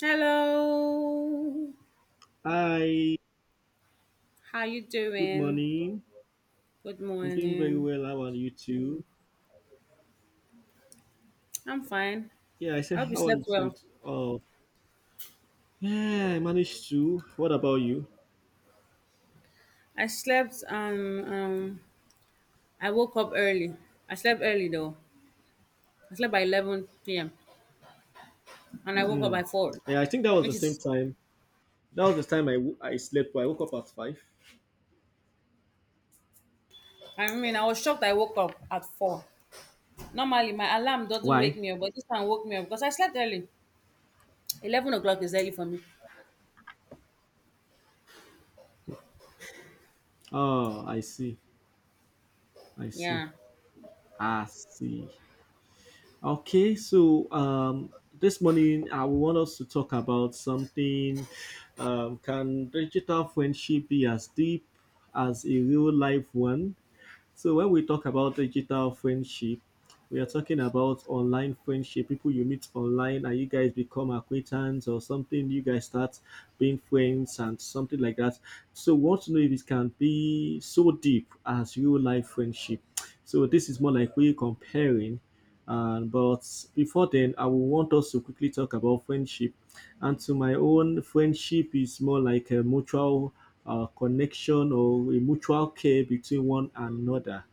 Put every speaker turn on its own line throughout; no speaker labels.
Hello.
Hi,
How you
good
doing?
morning.
Good
I'm doing very
morning.
well. How are you too?
I'm fine.
Yeah, I
I
said,
hope you
how are
slept
you too?
well.
Oh, yeah, I managed to. What about you?
I slept I woke up early. I slept early though. I slept by 11 p.m. and I woke up
Hmm.
by 4,
Yeah, I think that was the
which
same
is
time. That was the time I slept, but I woke up at 5.
I mean, I was shocked I woke up at 4. Normally my alarm doesn't wake
Why?
me up, but this time woke me up because I slept early. 11 o'clock is early for me.
Oh, I see. I see.
Yeah.
I see. Okay, so this morning I want us to talk about something. Can digital friendship be as deep as a real life one? So when we talk about digital friendship, we are talking about online friendship, people you meet online and you guys become acquaintance or something, you guys start being friends and something like that. So we want to know if it can be so deep as real life friendship. So this is more like we comparing. And but before then, I will want us to quickly talk about friendship, and to my own, friendship is more like a mutual connection or a mutual care between one another.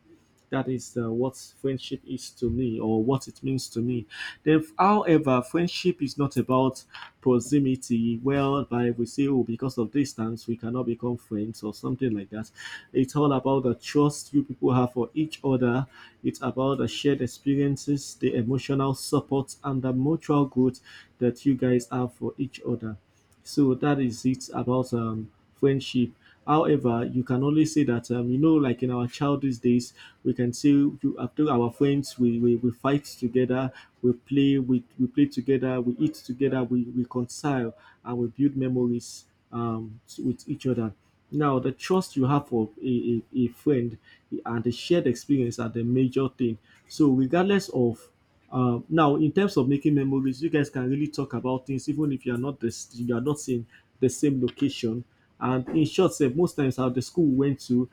That is what friendship is to me, or what it means to me. Then, however, friendship is not about proximity, whereby we say, oh, because of distance, we cannot become friends, or something like that. It's all about the trust you people have for each other. It's about the shared experiences, the emotional support, and the mutual growth that you guys have for each other. So that is it about friendship. However, you can only say that like in our child these days, we can say you after our friends, we fight together, we play, we play together, we eat together, we reconcile, and we build memories with each other. Now, the trust you have for a friend and the shared experience are the major thing. So, regardless of now, in terms of making memories, you guys can really talk about things, even if you are not the, s- you are not in the same location. And in short, sef, most times at the school we went to,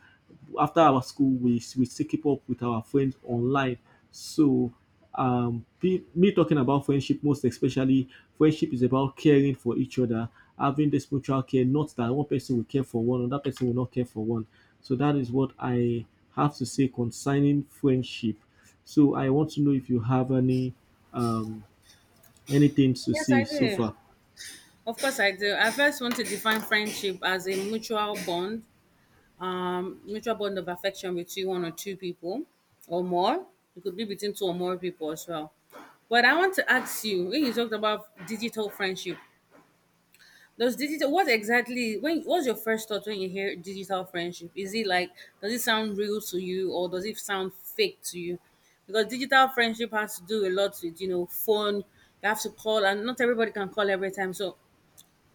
after our school, we still keep up with our friends online. So, me talking about friendship, most especially, friendship is about caring for each other, having this mutual care. Not that one person will care for one, another person will not care for one. So that is what I have to say concerning friendship. So I want to know if you have any um anything to
Yes,
say
I
so
do.
far.
Of course, I do. I first want to define friendship as a mutual bond of affection between one or two people or more. It could be between two or more people as well. But I want to ask you when you talked about digital friendship, does digital what exactly when what's your first thought when you hear digital friendship? Is it like does it sound real to you or does it sound fake to you? Because digital friendship has to do a lot with, you know, phone, you have to call and not everybody can call every time. So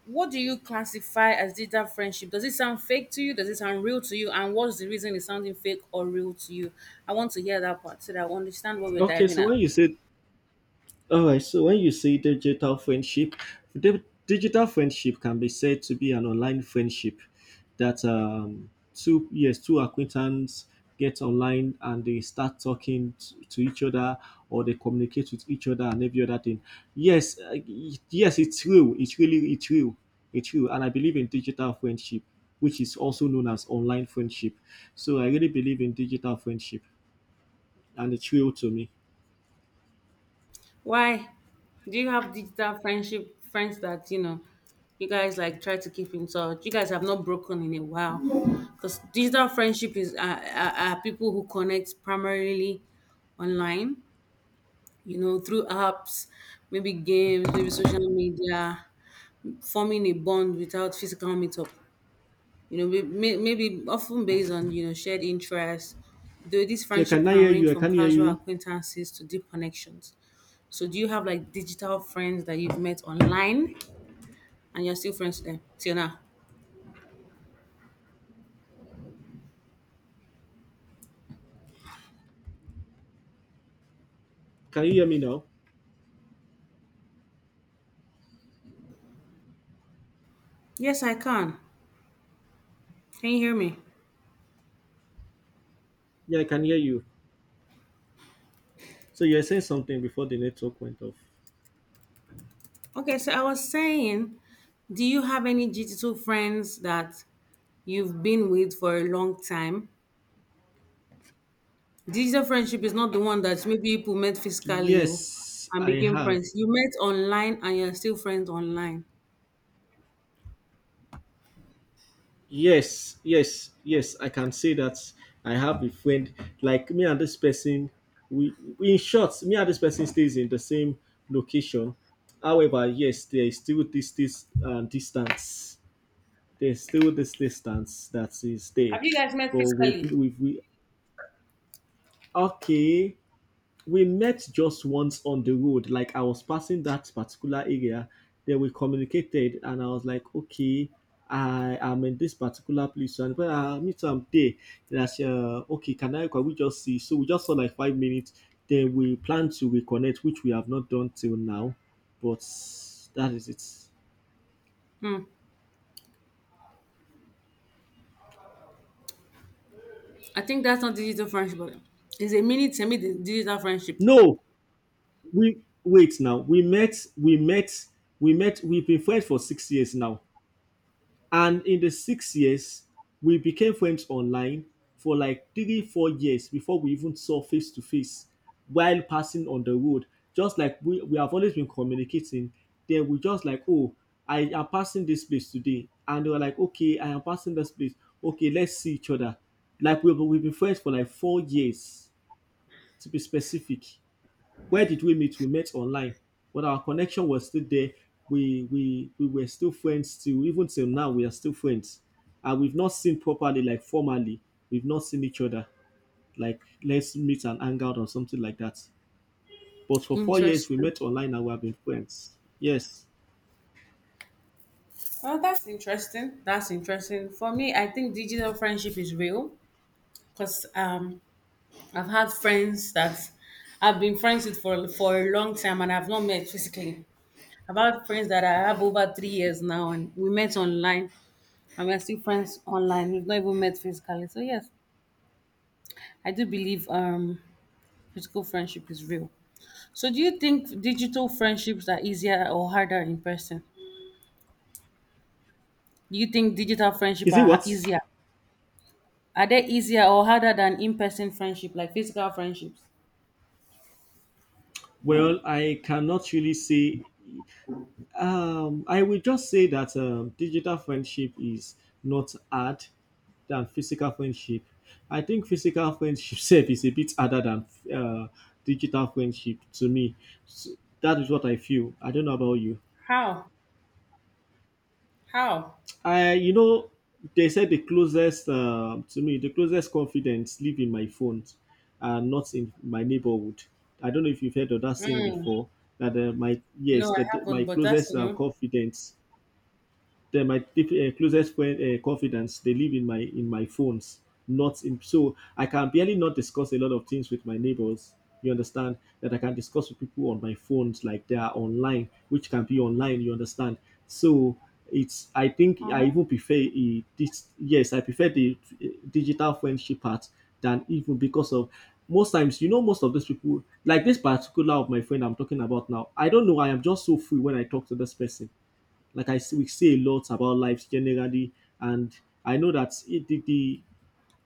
what do you classify as digital friendship? Does it sound fake to you? Does it sound real to you? And what's the reason it's sounding fake or real to you? I want to hear that part so that I understand what we're
Okay,
diving
so
at.
when you say All right, so when you say digital friendship, digital friendship can be said to be an online friendship that two, yes, two acquaintance get online and they start talking to each other or they communicate with each other and every other thing. Yes, yes, it's real. It's real. It's real, and I believe in digital friendship, which is also known as online friendship. So I really believe in digital friendship, and it's real to me.
Why? Do you have digital friendship friends that, you know, you guys like try to keep in touch? You guys have not broken in a while. Because digital friendship is are people who connect primarily online, you know, through apps, maybe games, maybe social media, forming a bond without physical meetup. You know, maybe often based on, you know, shared interests. Though this
Yeah,
friendship
can I
can
hear
range
you? I
from
can hear
casual
you.
acquaintances to deep connections. So do you have like digital friends that you've met online and you're still friends with them till now?
Can you hear me now?
Yes, I can. Can you hear me?
Yeah, I can hear you. So you were saying something before the network went off.
Okay, so I was saying, do you have any digital friends that you've been with for a long time? Digital friendship is not the one that maybe people met physically, oh,
Yes,
and
I
became
have.
friends. You met online and you're still friends online.
Yes, yes, yes. I can say that I have a friend, like me and this person. In short, me and this person stays in the same location. However, yes, there is still this distance. There's still this distance that is there,
Have you guys met
but we
physically?
we we okay. We met just once on the road, like I was passing that particular area, then we communicated and I was like, okay, I am in this particular place and when I meet am there, then I say, okay, can we just see? So we just saw like 5 minutes, then we plan to reconnect, which we have not done till now. But that is it.
Hmm. I think that's not digital friendship, but it's a mini semi digital friendship.
No, we wait now. We've been friends for 6 years now. And in the 6 years, we became friends online for like three, 4 years before we even saw face to face while passing on the road. Just like we have always been communicating, then we just like, oh, I am passing this place today. And they were like, okay, I am passing this place. Okay, let's see each other. Like we've been friends for like 4 years, to be specific. Where did we meet? We met online, but our connection was still there. We were still friends till even till now. We are still friends, and we've not seen properly, like formally. We've not seen each other, like let's meet and hang out or something like that. But for 4 years, we
Interesting.
met online and we have been friends. Yes.
Oh, that's interesting. That's interesting. For me, I think digital friendship is real because I've had friends that I've been friends with for a long time and I've not met physically. I've had friends that I have over 3 years now and we met online and we're still friends online. We've not even met physically. So yes, I do believe physical friendship is real. So, do you think digital friendships are easier or harder in person? Do you think digital friendship
Is it
are
what?
ha- easier? Are they easier or harder than in-person friendship, like physical friendships?
Well, I cannot really say. I will just say that digital friendship is not hard than physical friendship. I think physical friendship self is a bit harder than digital friendship to me. So that is what I feel. I don't know about you.
How? How?
I, you know, they said the closest to me, the closest confidence live in my phone, and not in my neighborhood. I don't know if you've heard of that saying
Mm.
before. That my,
No,
yes,
I
that my
haven't, but that's
closest
new.
confidence. Then my closest friend, confidants, they live in my phones, not in. So I can barely not discuss a lot of things with my neighbors. You understand that I can discuss with people on my phones, like they are online, which can be online. You understand? So it's. I think I even prefer a, this. Yes, I prefer the digital friendship part than, even because of most times, you know, most of these people, like this particular of my friend I'm talking about now, I don't know. I am just so free when I talk to this person, like we say a lot about life generally, and I know that it,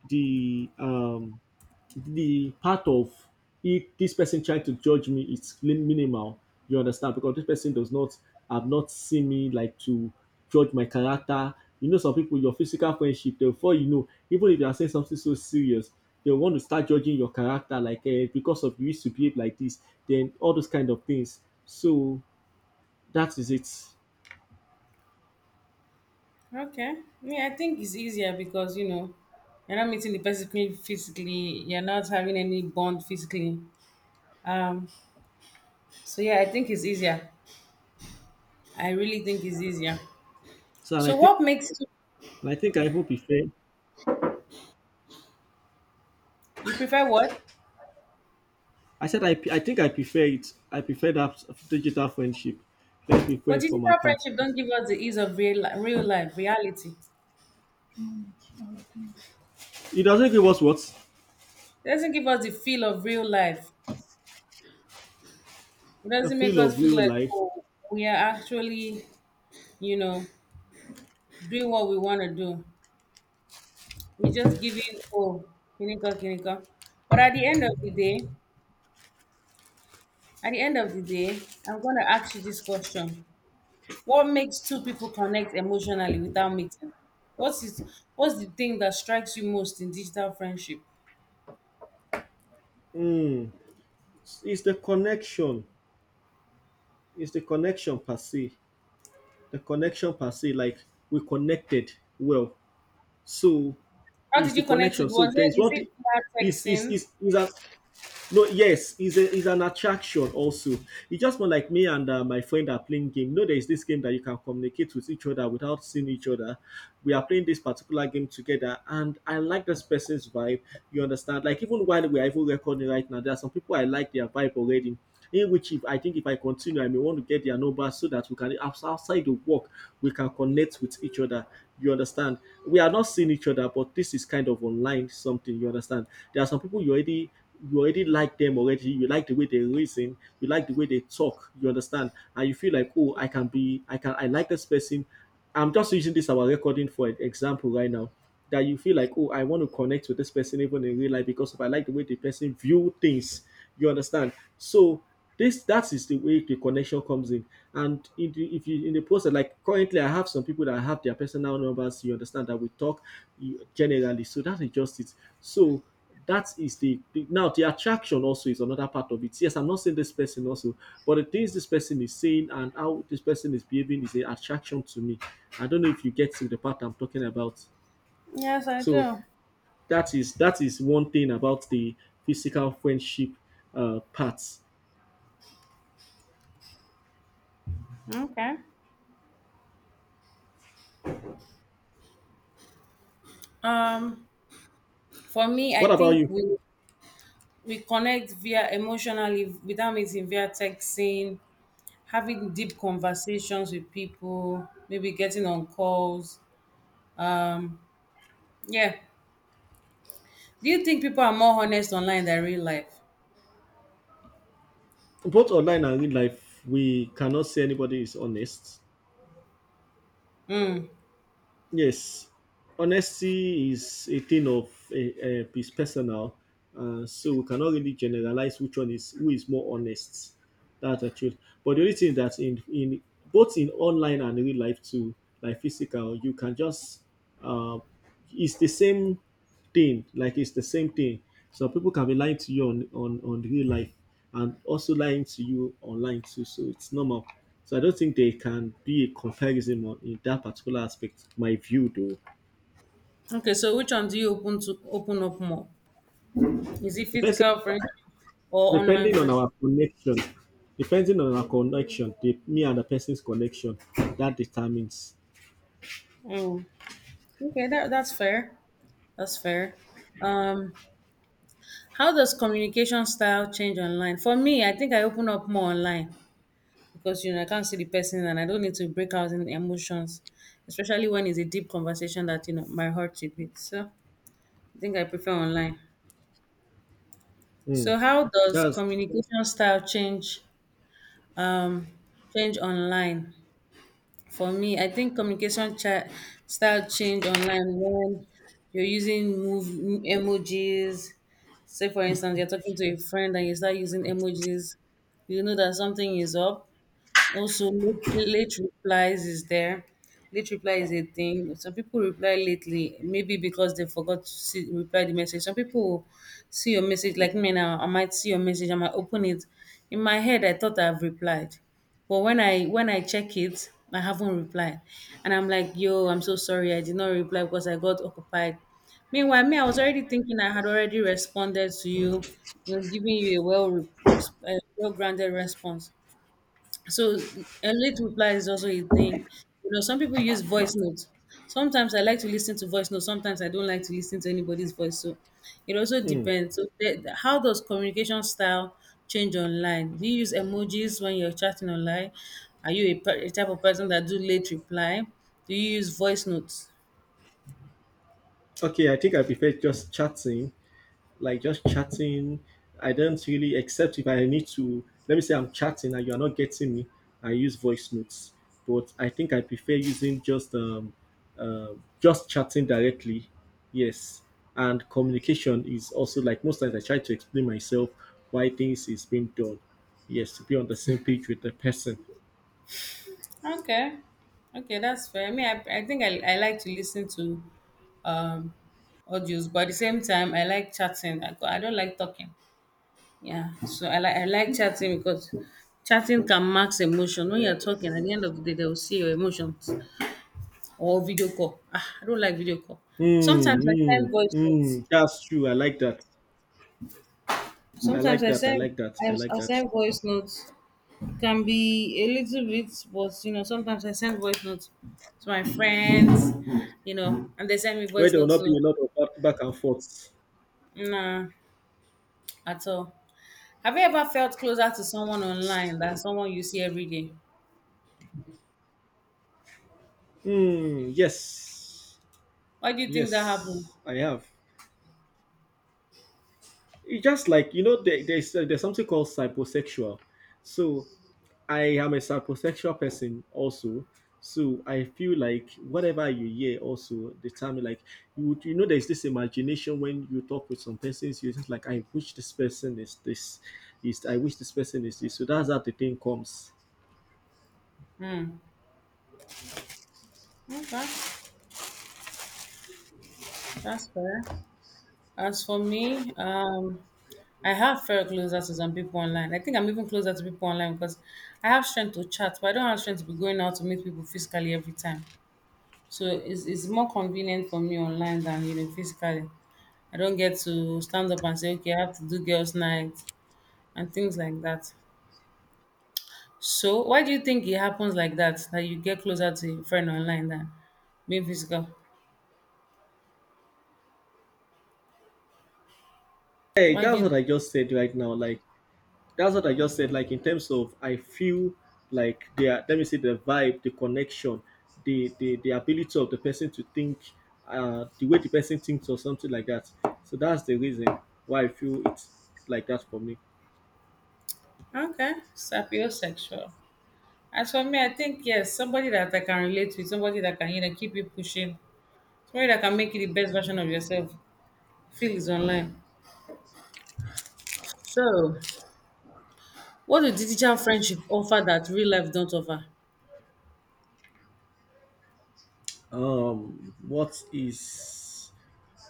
the um the part of if this person trying to judge me is minimal, you understand, because this person does not have not seen me like to judge my character. You know, some people your physical friendship, therefore, you know, even if you are saying something so serious, they want to start judging your character like eh, because of you used to behave like this, then all those kind of things. So that is it.
Okay. Yeah, I think it's easier because you know you're not meeting the person physically. You're not having any bond physically. Um. So yeah, I think it's easier. I really think it's easier.
so and i
So
think
what makes
And I think I even prefer.
you prefer what?
I said I think I prefer it. I prefer that digital friendship. Let's be
But
friends
digital
from apart.
friendship don't give us the ease of real life reality.
It doesn't give us what,
It doesn't give us the feel of real life. It
the
doesn't make
feel of
us feel
real
like,
life.
oh, we are actually, you know, doing what we want to do. We just giving, oh, kinika kinika. But at the end of the day, at the end of the day, I'm gonna ask you this question: What makes two people connect emotionally without meeting? What's it? What's the thing that strikes you most in digital friendship?
Mm. It's the connection. It's the connection per se. The connection per se. Like we connected well. So
How
it's
did
the
you connect it?
connection. So
Was
there is
it, is
one thing.
it via
Is is
texting?
is is that, no, yes, is a is an attraction also. It's just more like me and my friend are playing game. You know, there is this game that you can communicate with each other without seeing each other. We are playing this particular game together, and I like this person's vibe. You understand? Like even while we are even recording right now, there are some people I like their vibe already. In which, if I think if I continue, I may want to get their number so that outside the work we can connect with each other. You understand? We are not seeing each other, but this is kind of online something. You understand? There are some people you already, like them already. You like the way they reason. You like the way they talk. You understand, and you feel like, oh, I can be, I can, I like this person. I'm just using this our recording for an example right now. That you feel like, oh, I want to connect with this person even in real life, because if I like the way the person view things, you understand. So this that is the way the connection comes in. And in the, if you in the process, like currently, I have some people that have their personal numbers. You understand that we talk generally. So that is just it. So that is the now the attraction also is another part of it. Yes, I'm not saying this person also, but the things this person is saying and how this person is behaving is an attraction to me. I don't know if you get to the part I'm talking about.
Yes, I
So
do.
that is one thing about the physical friendship parts.
Okay. Um, for me,
What
I
about
think
you?
we connect via emotionally without meeting via texting, having deep conversations with people, maybe getting on calls. Um, yeah. Do you think people are more honest online than real life?
Both online and in life, we cannot say anybody is honest. Yes, honesty is a thing of is personal. So we cannot really generalize which one is who is more honest. That's the truth. But the only thing that in both in online and real life too, like physical, you can just uh, it's the same thing, like it's the same thing. So people can be lying to you on on real life, and also lying to you online too. So it's normal. So I don't think there can be a comparison on in that particular aspect. My view, though,
Okay, so which one do you open to open up more? Is it
the person
physical friendship or online
depending on
friendship?
our connection, depending on our connection, me and the person's connection, that determines.
Mm. Okay, that's fair. That's fair. Um, How does communication style change online? For me, I think I open up more online because you know I can't see the person and I don't need to break out in emotions, especially when it's a deep conversation that you know my heart is beat. So I think I prefer online.
Mm,
So how does
that's
communication style change um online? For me, I think style change online when you're using move emojis. Say, for instance, you're talking to a friend and you start using emojis, you know that something is up. Also, late replies is there. Late reply is a thing. Some people reply lately, maybe because they forgot to reply the message. Some people will see your message, like me now. I might see your message, I might open it. In my head, I thought I've replied, but when I check it, I haven't replied, and I'm like, yo, I'm so sorry, I did not reply because I got occupied. Meanwhile, me, I was already thinking I had already responded to you, you know, giving you a well grounded response. So a late reply is also a thing. You know, some people use voice notes. Sometimes I like to listen to voice notes. Sometimes I don't like to listen to anybody's voice. So it also
mm.
depends. So how does communication style change online? Do you use emojis when you're chatting online? Are you a, a type of person that do late reply? Do you use voice notes?
okay. I think I prefer just chatting like just chatting. I don't really, except if I need to, let me say I'm chatting and you're not getting me, I use voice notes. But I think I prefer using uh, just chatting directly. Yes, and communication is also like most times I try to explain myself why things is being done. Yes, to be on the same page with the person.
Okay, okay, that's fair. I mean, I think I like to listen to um audios, but at the same time, I like chatting. I don't like talking. Yeah, so I I like chatting because chatting can mask emotion. When you're talking, at the end of the day, they will see your emotions or video call. Ah, I don't like video call.
Mm,
Sometimes I send
mm,
voice notes.
mm. That's true. I like that. I
Sometimes
like
I
that. I
send
like that. I
I,
like
I
that.
send voice notes. Can be a little bit, but you know, sometimes I send voice notes to my friends, you know, and they send me
Where
voice
there will
notes
not be
too.
a lot of back and forth.
Nah, at all. Have you ever felt closer to someone online than someone you see every day?
Hmm. Yes.
Why do you think that happened?
Yes, I have. It's just like you know, there's something called cyposexual. So I am a cyposexual person also. So I feel like whatever you hear also determine like you know there's this imagination when you talk with some persons you're just like I wish this person is this is I wish this person is this. So that's how the thing comes.
Hmm. Okay, that's fair. As for me, I have felt closer to some people online. I think I'm even closer to people online because I have strength to chat, but I don't have strength to be going out to meet people physically every time. So it's more convenient for me online than you know physically. I don't get to stand up and say, okay, I have to do girls' night and things like that. So why do you think it happens like that? That you get closer to your friend online than being physical?
Hey,
Why do
that's
you?
what I just said right now. Like that's what I just said. Like in terms of, I feel like their let me say the vibe, the connection, the ability of the person to think, the way the person thinks or something like that. So that's the reason why I feel it's like that for me.
Okay, sapiosexual. As for me, I think yes, somebody that I can relate with, somebody that can, you know, keep you pushing, somebody that can make you the best version of yourself. Feel is online. So, what do digital friendship offer that real life don't offer?
What is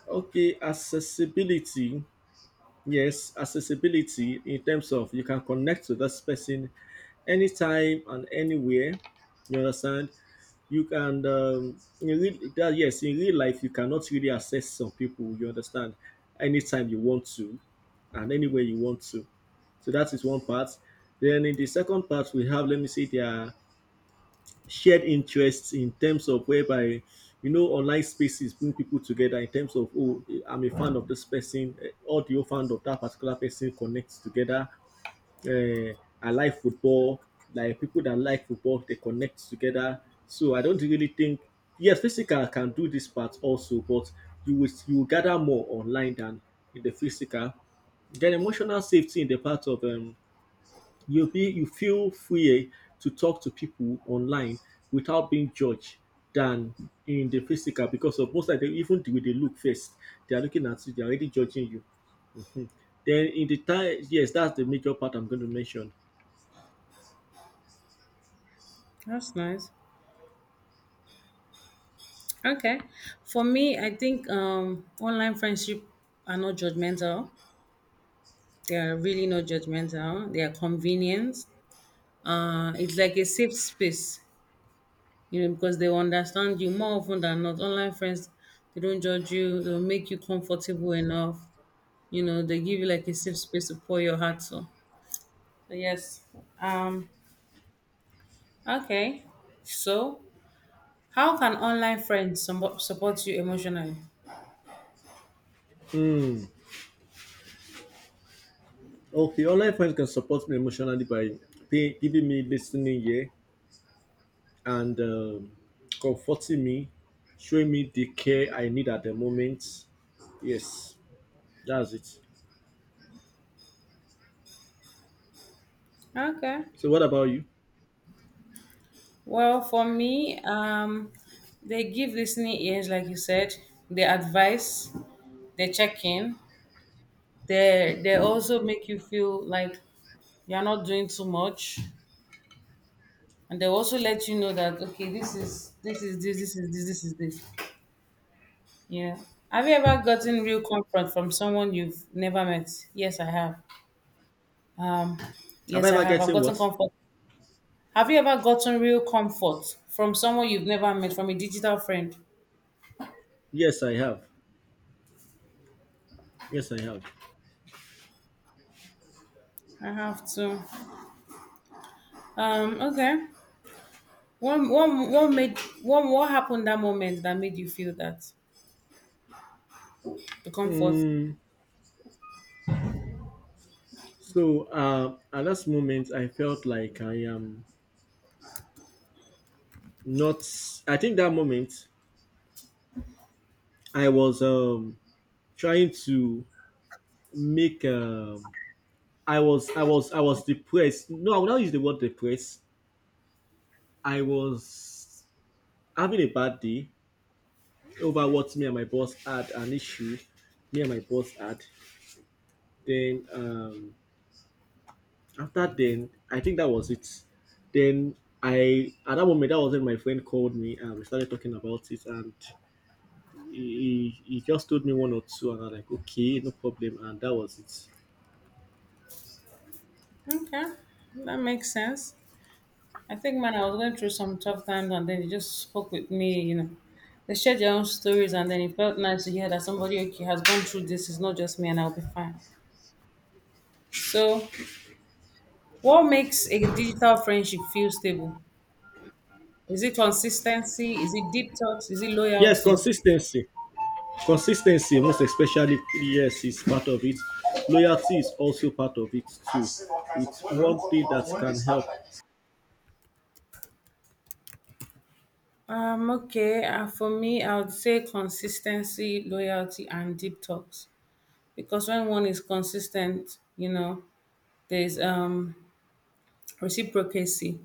okay accessibility? Yes, accessibility in terms of you can connect to this person anytime and anywhere. You understand? You can in yes, in real life you cannot really access some people. You understand? Anytime you want to, and anywhere you want to. So that is one part. Then in the second part we have, let me see, there shared interests in terms of whereby you know online spaces bring people together in terms of oh, I'm a fan of this person, audio fan of that particular person, connects together. uh, I like football, like people that like football, they connect together. So I don't really think, yes, physical can do this part also, but you will gather more online than in the physical. Then emotional safety in the part of you be you feel free, to talk to people online without being judged than in the physical, because of most of them even the way they look first, they are looking at you, they're already judging you. Then in the time, yes, that's the major part I'm going to mention.
That's nice. Okay. For me, I think online friendship are not judgmental. They are really not judgmental. They are convenient. It's like a safe space, you know, because they will understand you more often than not. Online friends, they don't judge you, they'll make you comfortable enough. You know, they give you like a safe space to pour your heart to. So yes. Um, okay. So how can online friends support you emotionally?
Hmm. Okay, online friends can support me emotionally by giving me listening ear and comforting me, showing me the care I need at the moment. Yes, that's it.
Okay.
So what about you?
Well, for me, they give listening ears, like you said. They advise, they check in. They also make you feel like you're not doing too much. And they also let you know that, okay, this is this is this, this is this, this is this. Yeah, have you ever gotten real comfort from someone you've never met? Yes, I have. um
Have I
yes, I
ever
have, I've
gotten
gotten
what?
comfort. Have you ever gotten real comfort from someone you've never met, from a digital friend?
Yes, I have. Yes, I have.
I have to. Okay. What made, what happened that moment that made you feel that, the comfort?
Mm, so at that moment, I felt like I am not. I think that moment, I was trying to make. I was depressed. No, I will not use the word depressed. I was having a bad day over what me and my boss had an issue. Me and my boss had. Then after then, I think that was it. Then I at that moment, that was when my friend called me and we started talking about it, and he just told me one or two, and I'm like, okay, no problem, and that was it.
Okay, that makes sense. I think, man, I was going through some tough times and then they just spoke with me, you know. They shared their own stories and then it felt nice to hear that somebody, okay, has gone through this. It's not just me and I'll be fine. So, what makes a digital friendship feel stable? Is it consistency? Is it deep talks? Is it
Yes,
loyalty?
consistency. Consistency, most especially, yes, is part of it. Loyalty is also part of it too. It's one thing that can help.
Okay. For me, I would say consistency, loyalty, and deep talks. Because when one is consistent, you know, there's reciprocacy.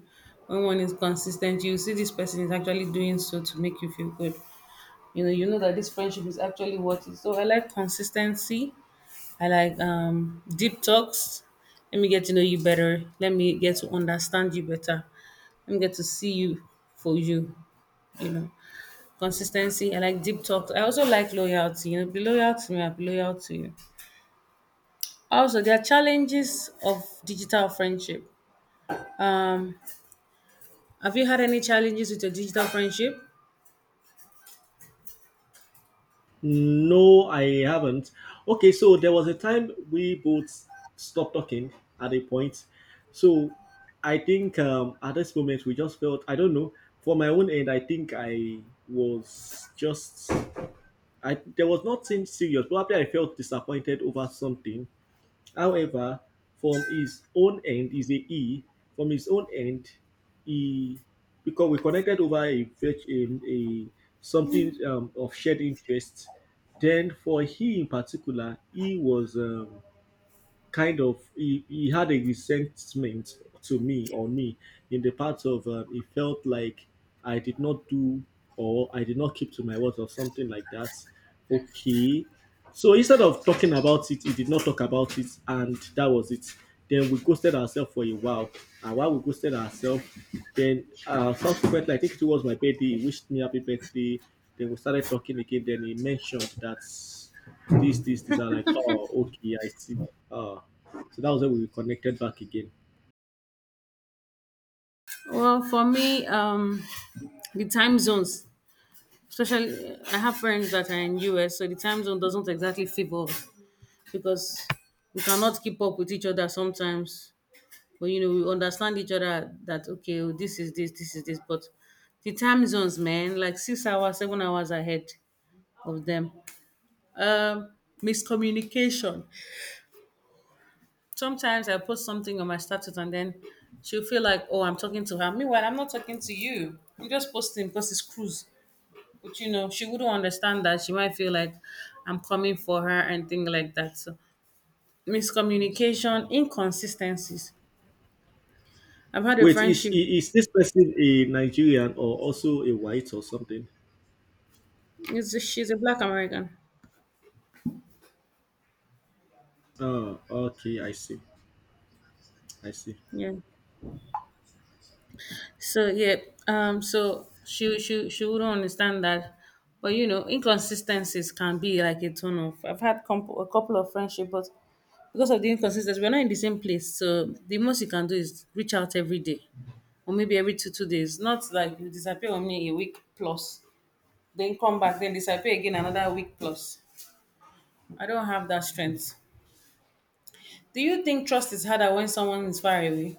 When one is consistent, you see this person is actually doing so to make you feel good. You know, you know that this friendship is actually worth it. So I like consistency. I like deep talks. Let me get to know you better, let me get to understand you better, let me get to see you for you, you know. Consistency, I like deep talks, I also like loyalty. You know, be loyal to me, I'll be loyal to you. Also, there are challenges of digital friendship. Um, have you had any challenges with your digital friendship?
No, I haven't. Okay, so there was a time we both stopped talking at a point. So I think at this moment we just felt I don't know. For my own end, I think I was just I there was nothing serious. Probably I felt disappointed over something. However, from his own end is a he. From his own end, he, because we connected over a something, of shared interest. Then for he in particular, he was. Kind of he had a resentment to me on me in the part of, he felt like I did not do, or I did not keep to my words or something like that. Okay. So instead of talking about it, he did not talk about it, and that was it. Then we ghosted ourselves for a while. And while we ghosted ourselves, then subsequently, I think it was my birthday, he wished me happy birthday. Then we started talking again. Then he mentioned that this, this, this. I'm like, oh, okay, I see. Oh. So that was when we connected back again.
Well, for me, the time zones, especially I have friends that are in US, so the time zone doesn't exactly favor us because we cannot keep up with each other sometimes. But you know, we understand each other that okay, oh, this is this, this is this. But the time zones, man, like 6 hours, 7 hours ahead of them. Um, miscommunication. Sometimes I post something on my status and then she'll feel like, oh, I'm talking to her. Meanwhile, I'm not talking to you, I'm just posting because it's cruise. But you know, she wouldn't understand that. She might feel like I'm coming for her and things like that. So miscommunication, inconsistencies. I've had a
Wait, is
friendship.
is this person a Nigerian or also a white or something?
It's, she's a black American.
Oh, okay, I see. I see.
Yeah. So yeah, so she would not understand that, but you know, inconsistencies can be like a turn off. I've had a couple of friendship, but because of the inconsistencies, we're not in the same place. So the most you can do is reach out every day, or maybe every two days. Not like you disappear on me a week plus, then come back, then disappear again another week plus. I don't have that strength. Do you think trust is harder when someone is far away?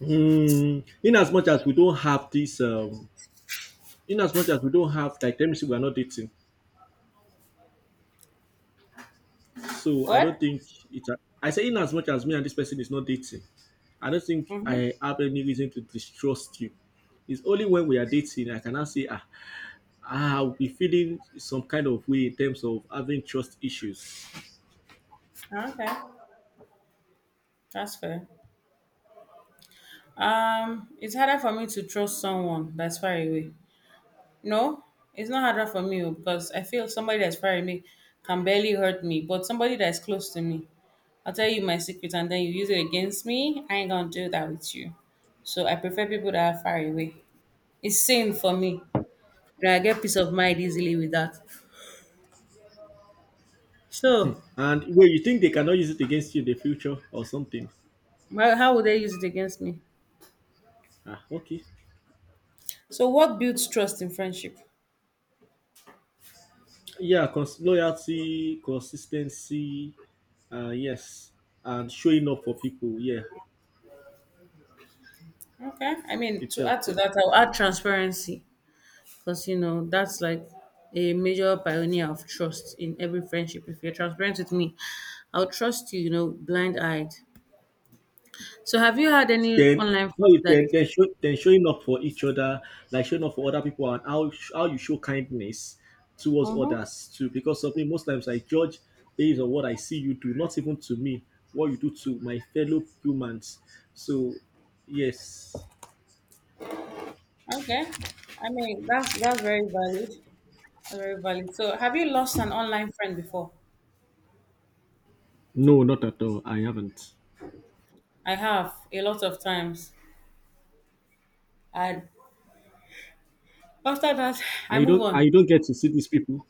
Hmm. In as much as we don't have this, in as much as we don't have, like, let me see, we are not dating. So I
What?
don't think it's. A, I say in as much as me and this person is not dating, I don't think
Mm-hmm.
I have any reason to distrust you. It's only when we are dating I cannot say ah, ah, I'll be feeling some kind of way in terms of having trust issues.
Ah, okay, that's fair. It's harder for me to trust someone that's far away. No, it's not harder for me, oh, because I feel somebody that's far away can barely hurt me, but somebody that's close to me, I'll tell you my secret and then you use it against me. I ain't gonna do that with you. So I prefer people that are far away. It's sane for me. You know, I get peace of mind easily with that. So
And where you think they cannot use it against you in the future or something.
how would they use it against me?
Ah, okay.
So what builds trust in friendship?
Yeah, loyalty, consistency, yes, and showing up for people. Yeah,
Okay, I mean,
it
to
helps
add to
them.
that, I'll add transparency. Because, you know, that's like a major pioneer of trust in every friendship. If you're transparent with me, I'll trust you, you know, blind eyed. So, have you had any
Then
online
so
friends
if then
that?
then, show, then showing up for each other, like showing up for other people, and how you show kindness towards
Mm-hmm.
others too, because something most times I judge based on what I see you do, not even to me, what you do to my fellow humans. So yes.
Okay. I mean, that's very valid. That's very valid. So, have you lost an online friend before?
No, not at all, I haven't.
I have, a lot of times. And after that, I move
I
on.
don't get to see these people.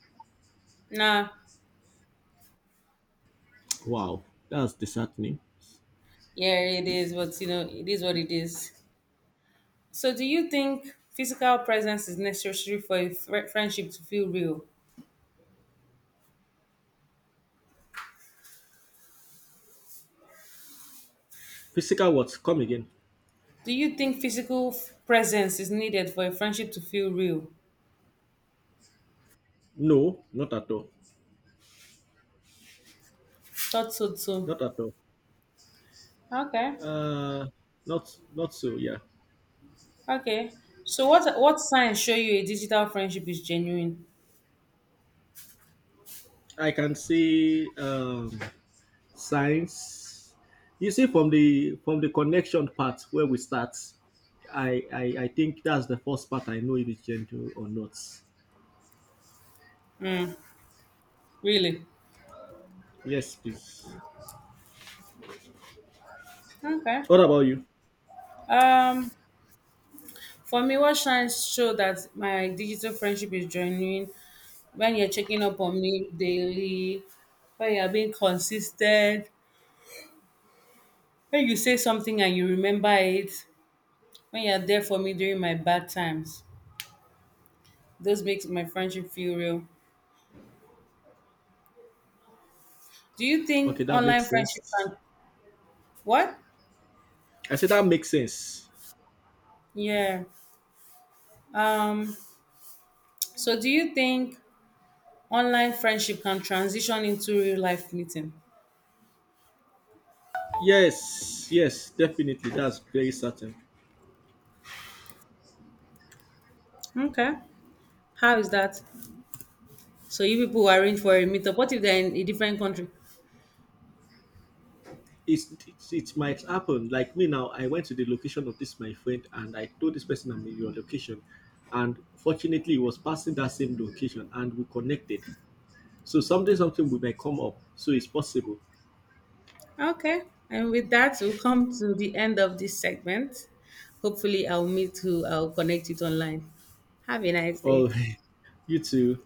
Nah,
Wow, that's disheartening.
yeah, it is. But you know, it is what it is. So, do you think physical presence is necessary for a friendship to feel real?
Physical what come again?
Do you think physical presence is needed for a friendship to feel real?
No, not at all.
Thought so too.
Not at all.
Okay,
uh Not not so, yeah.
okay. So, what signs show you a digital friendship is genuine?
I can see signs. You see, from the connection part where we start, I think that's the first part. I know if it's gentle or not.
Really?
Yes, please.
Okay.
What about you?
Um, for me, what signs show that my digital friendship is genuine? When you're checking up on me daily, when you're being consistent, when you say something and you remember it, when you're there for me during my bad times, those makes my friendship feel real. Do you
Okay,
think
that
online
makes
friendship
sense.
can, what?
I said that makes sense.
Yeah. Um so do you think online friendship can transition into real life meeting?
Yes, yes, definitely. That's very certain.
Okay. How is that? So you people who arrange for a meetup, what if they're in a different country?
It's it might happen. Like me now, I went to the location of this my friend, and I told this person I'm in your location, and fortunately, he was passing that same location, and we connected. So someday, something will may come up. So it's possible.
Okay. And with that, we'll come to the end of this segment. Hopefully, I'll meet who I'll connect with online. Have a nice
All
day.
right, you too.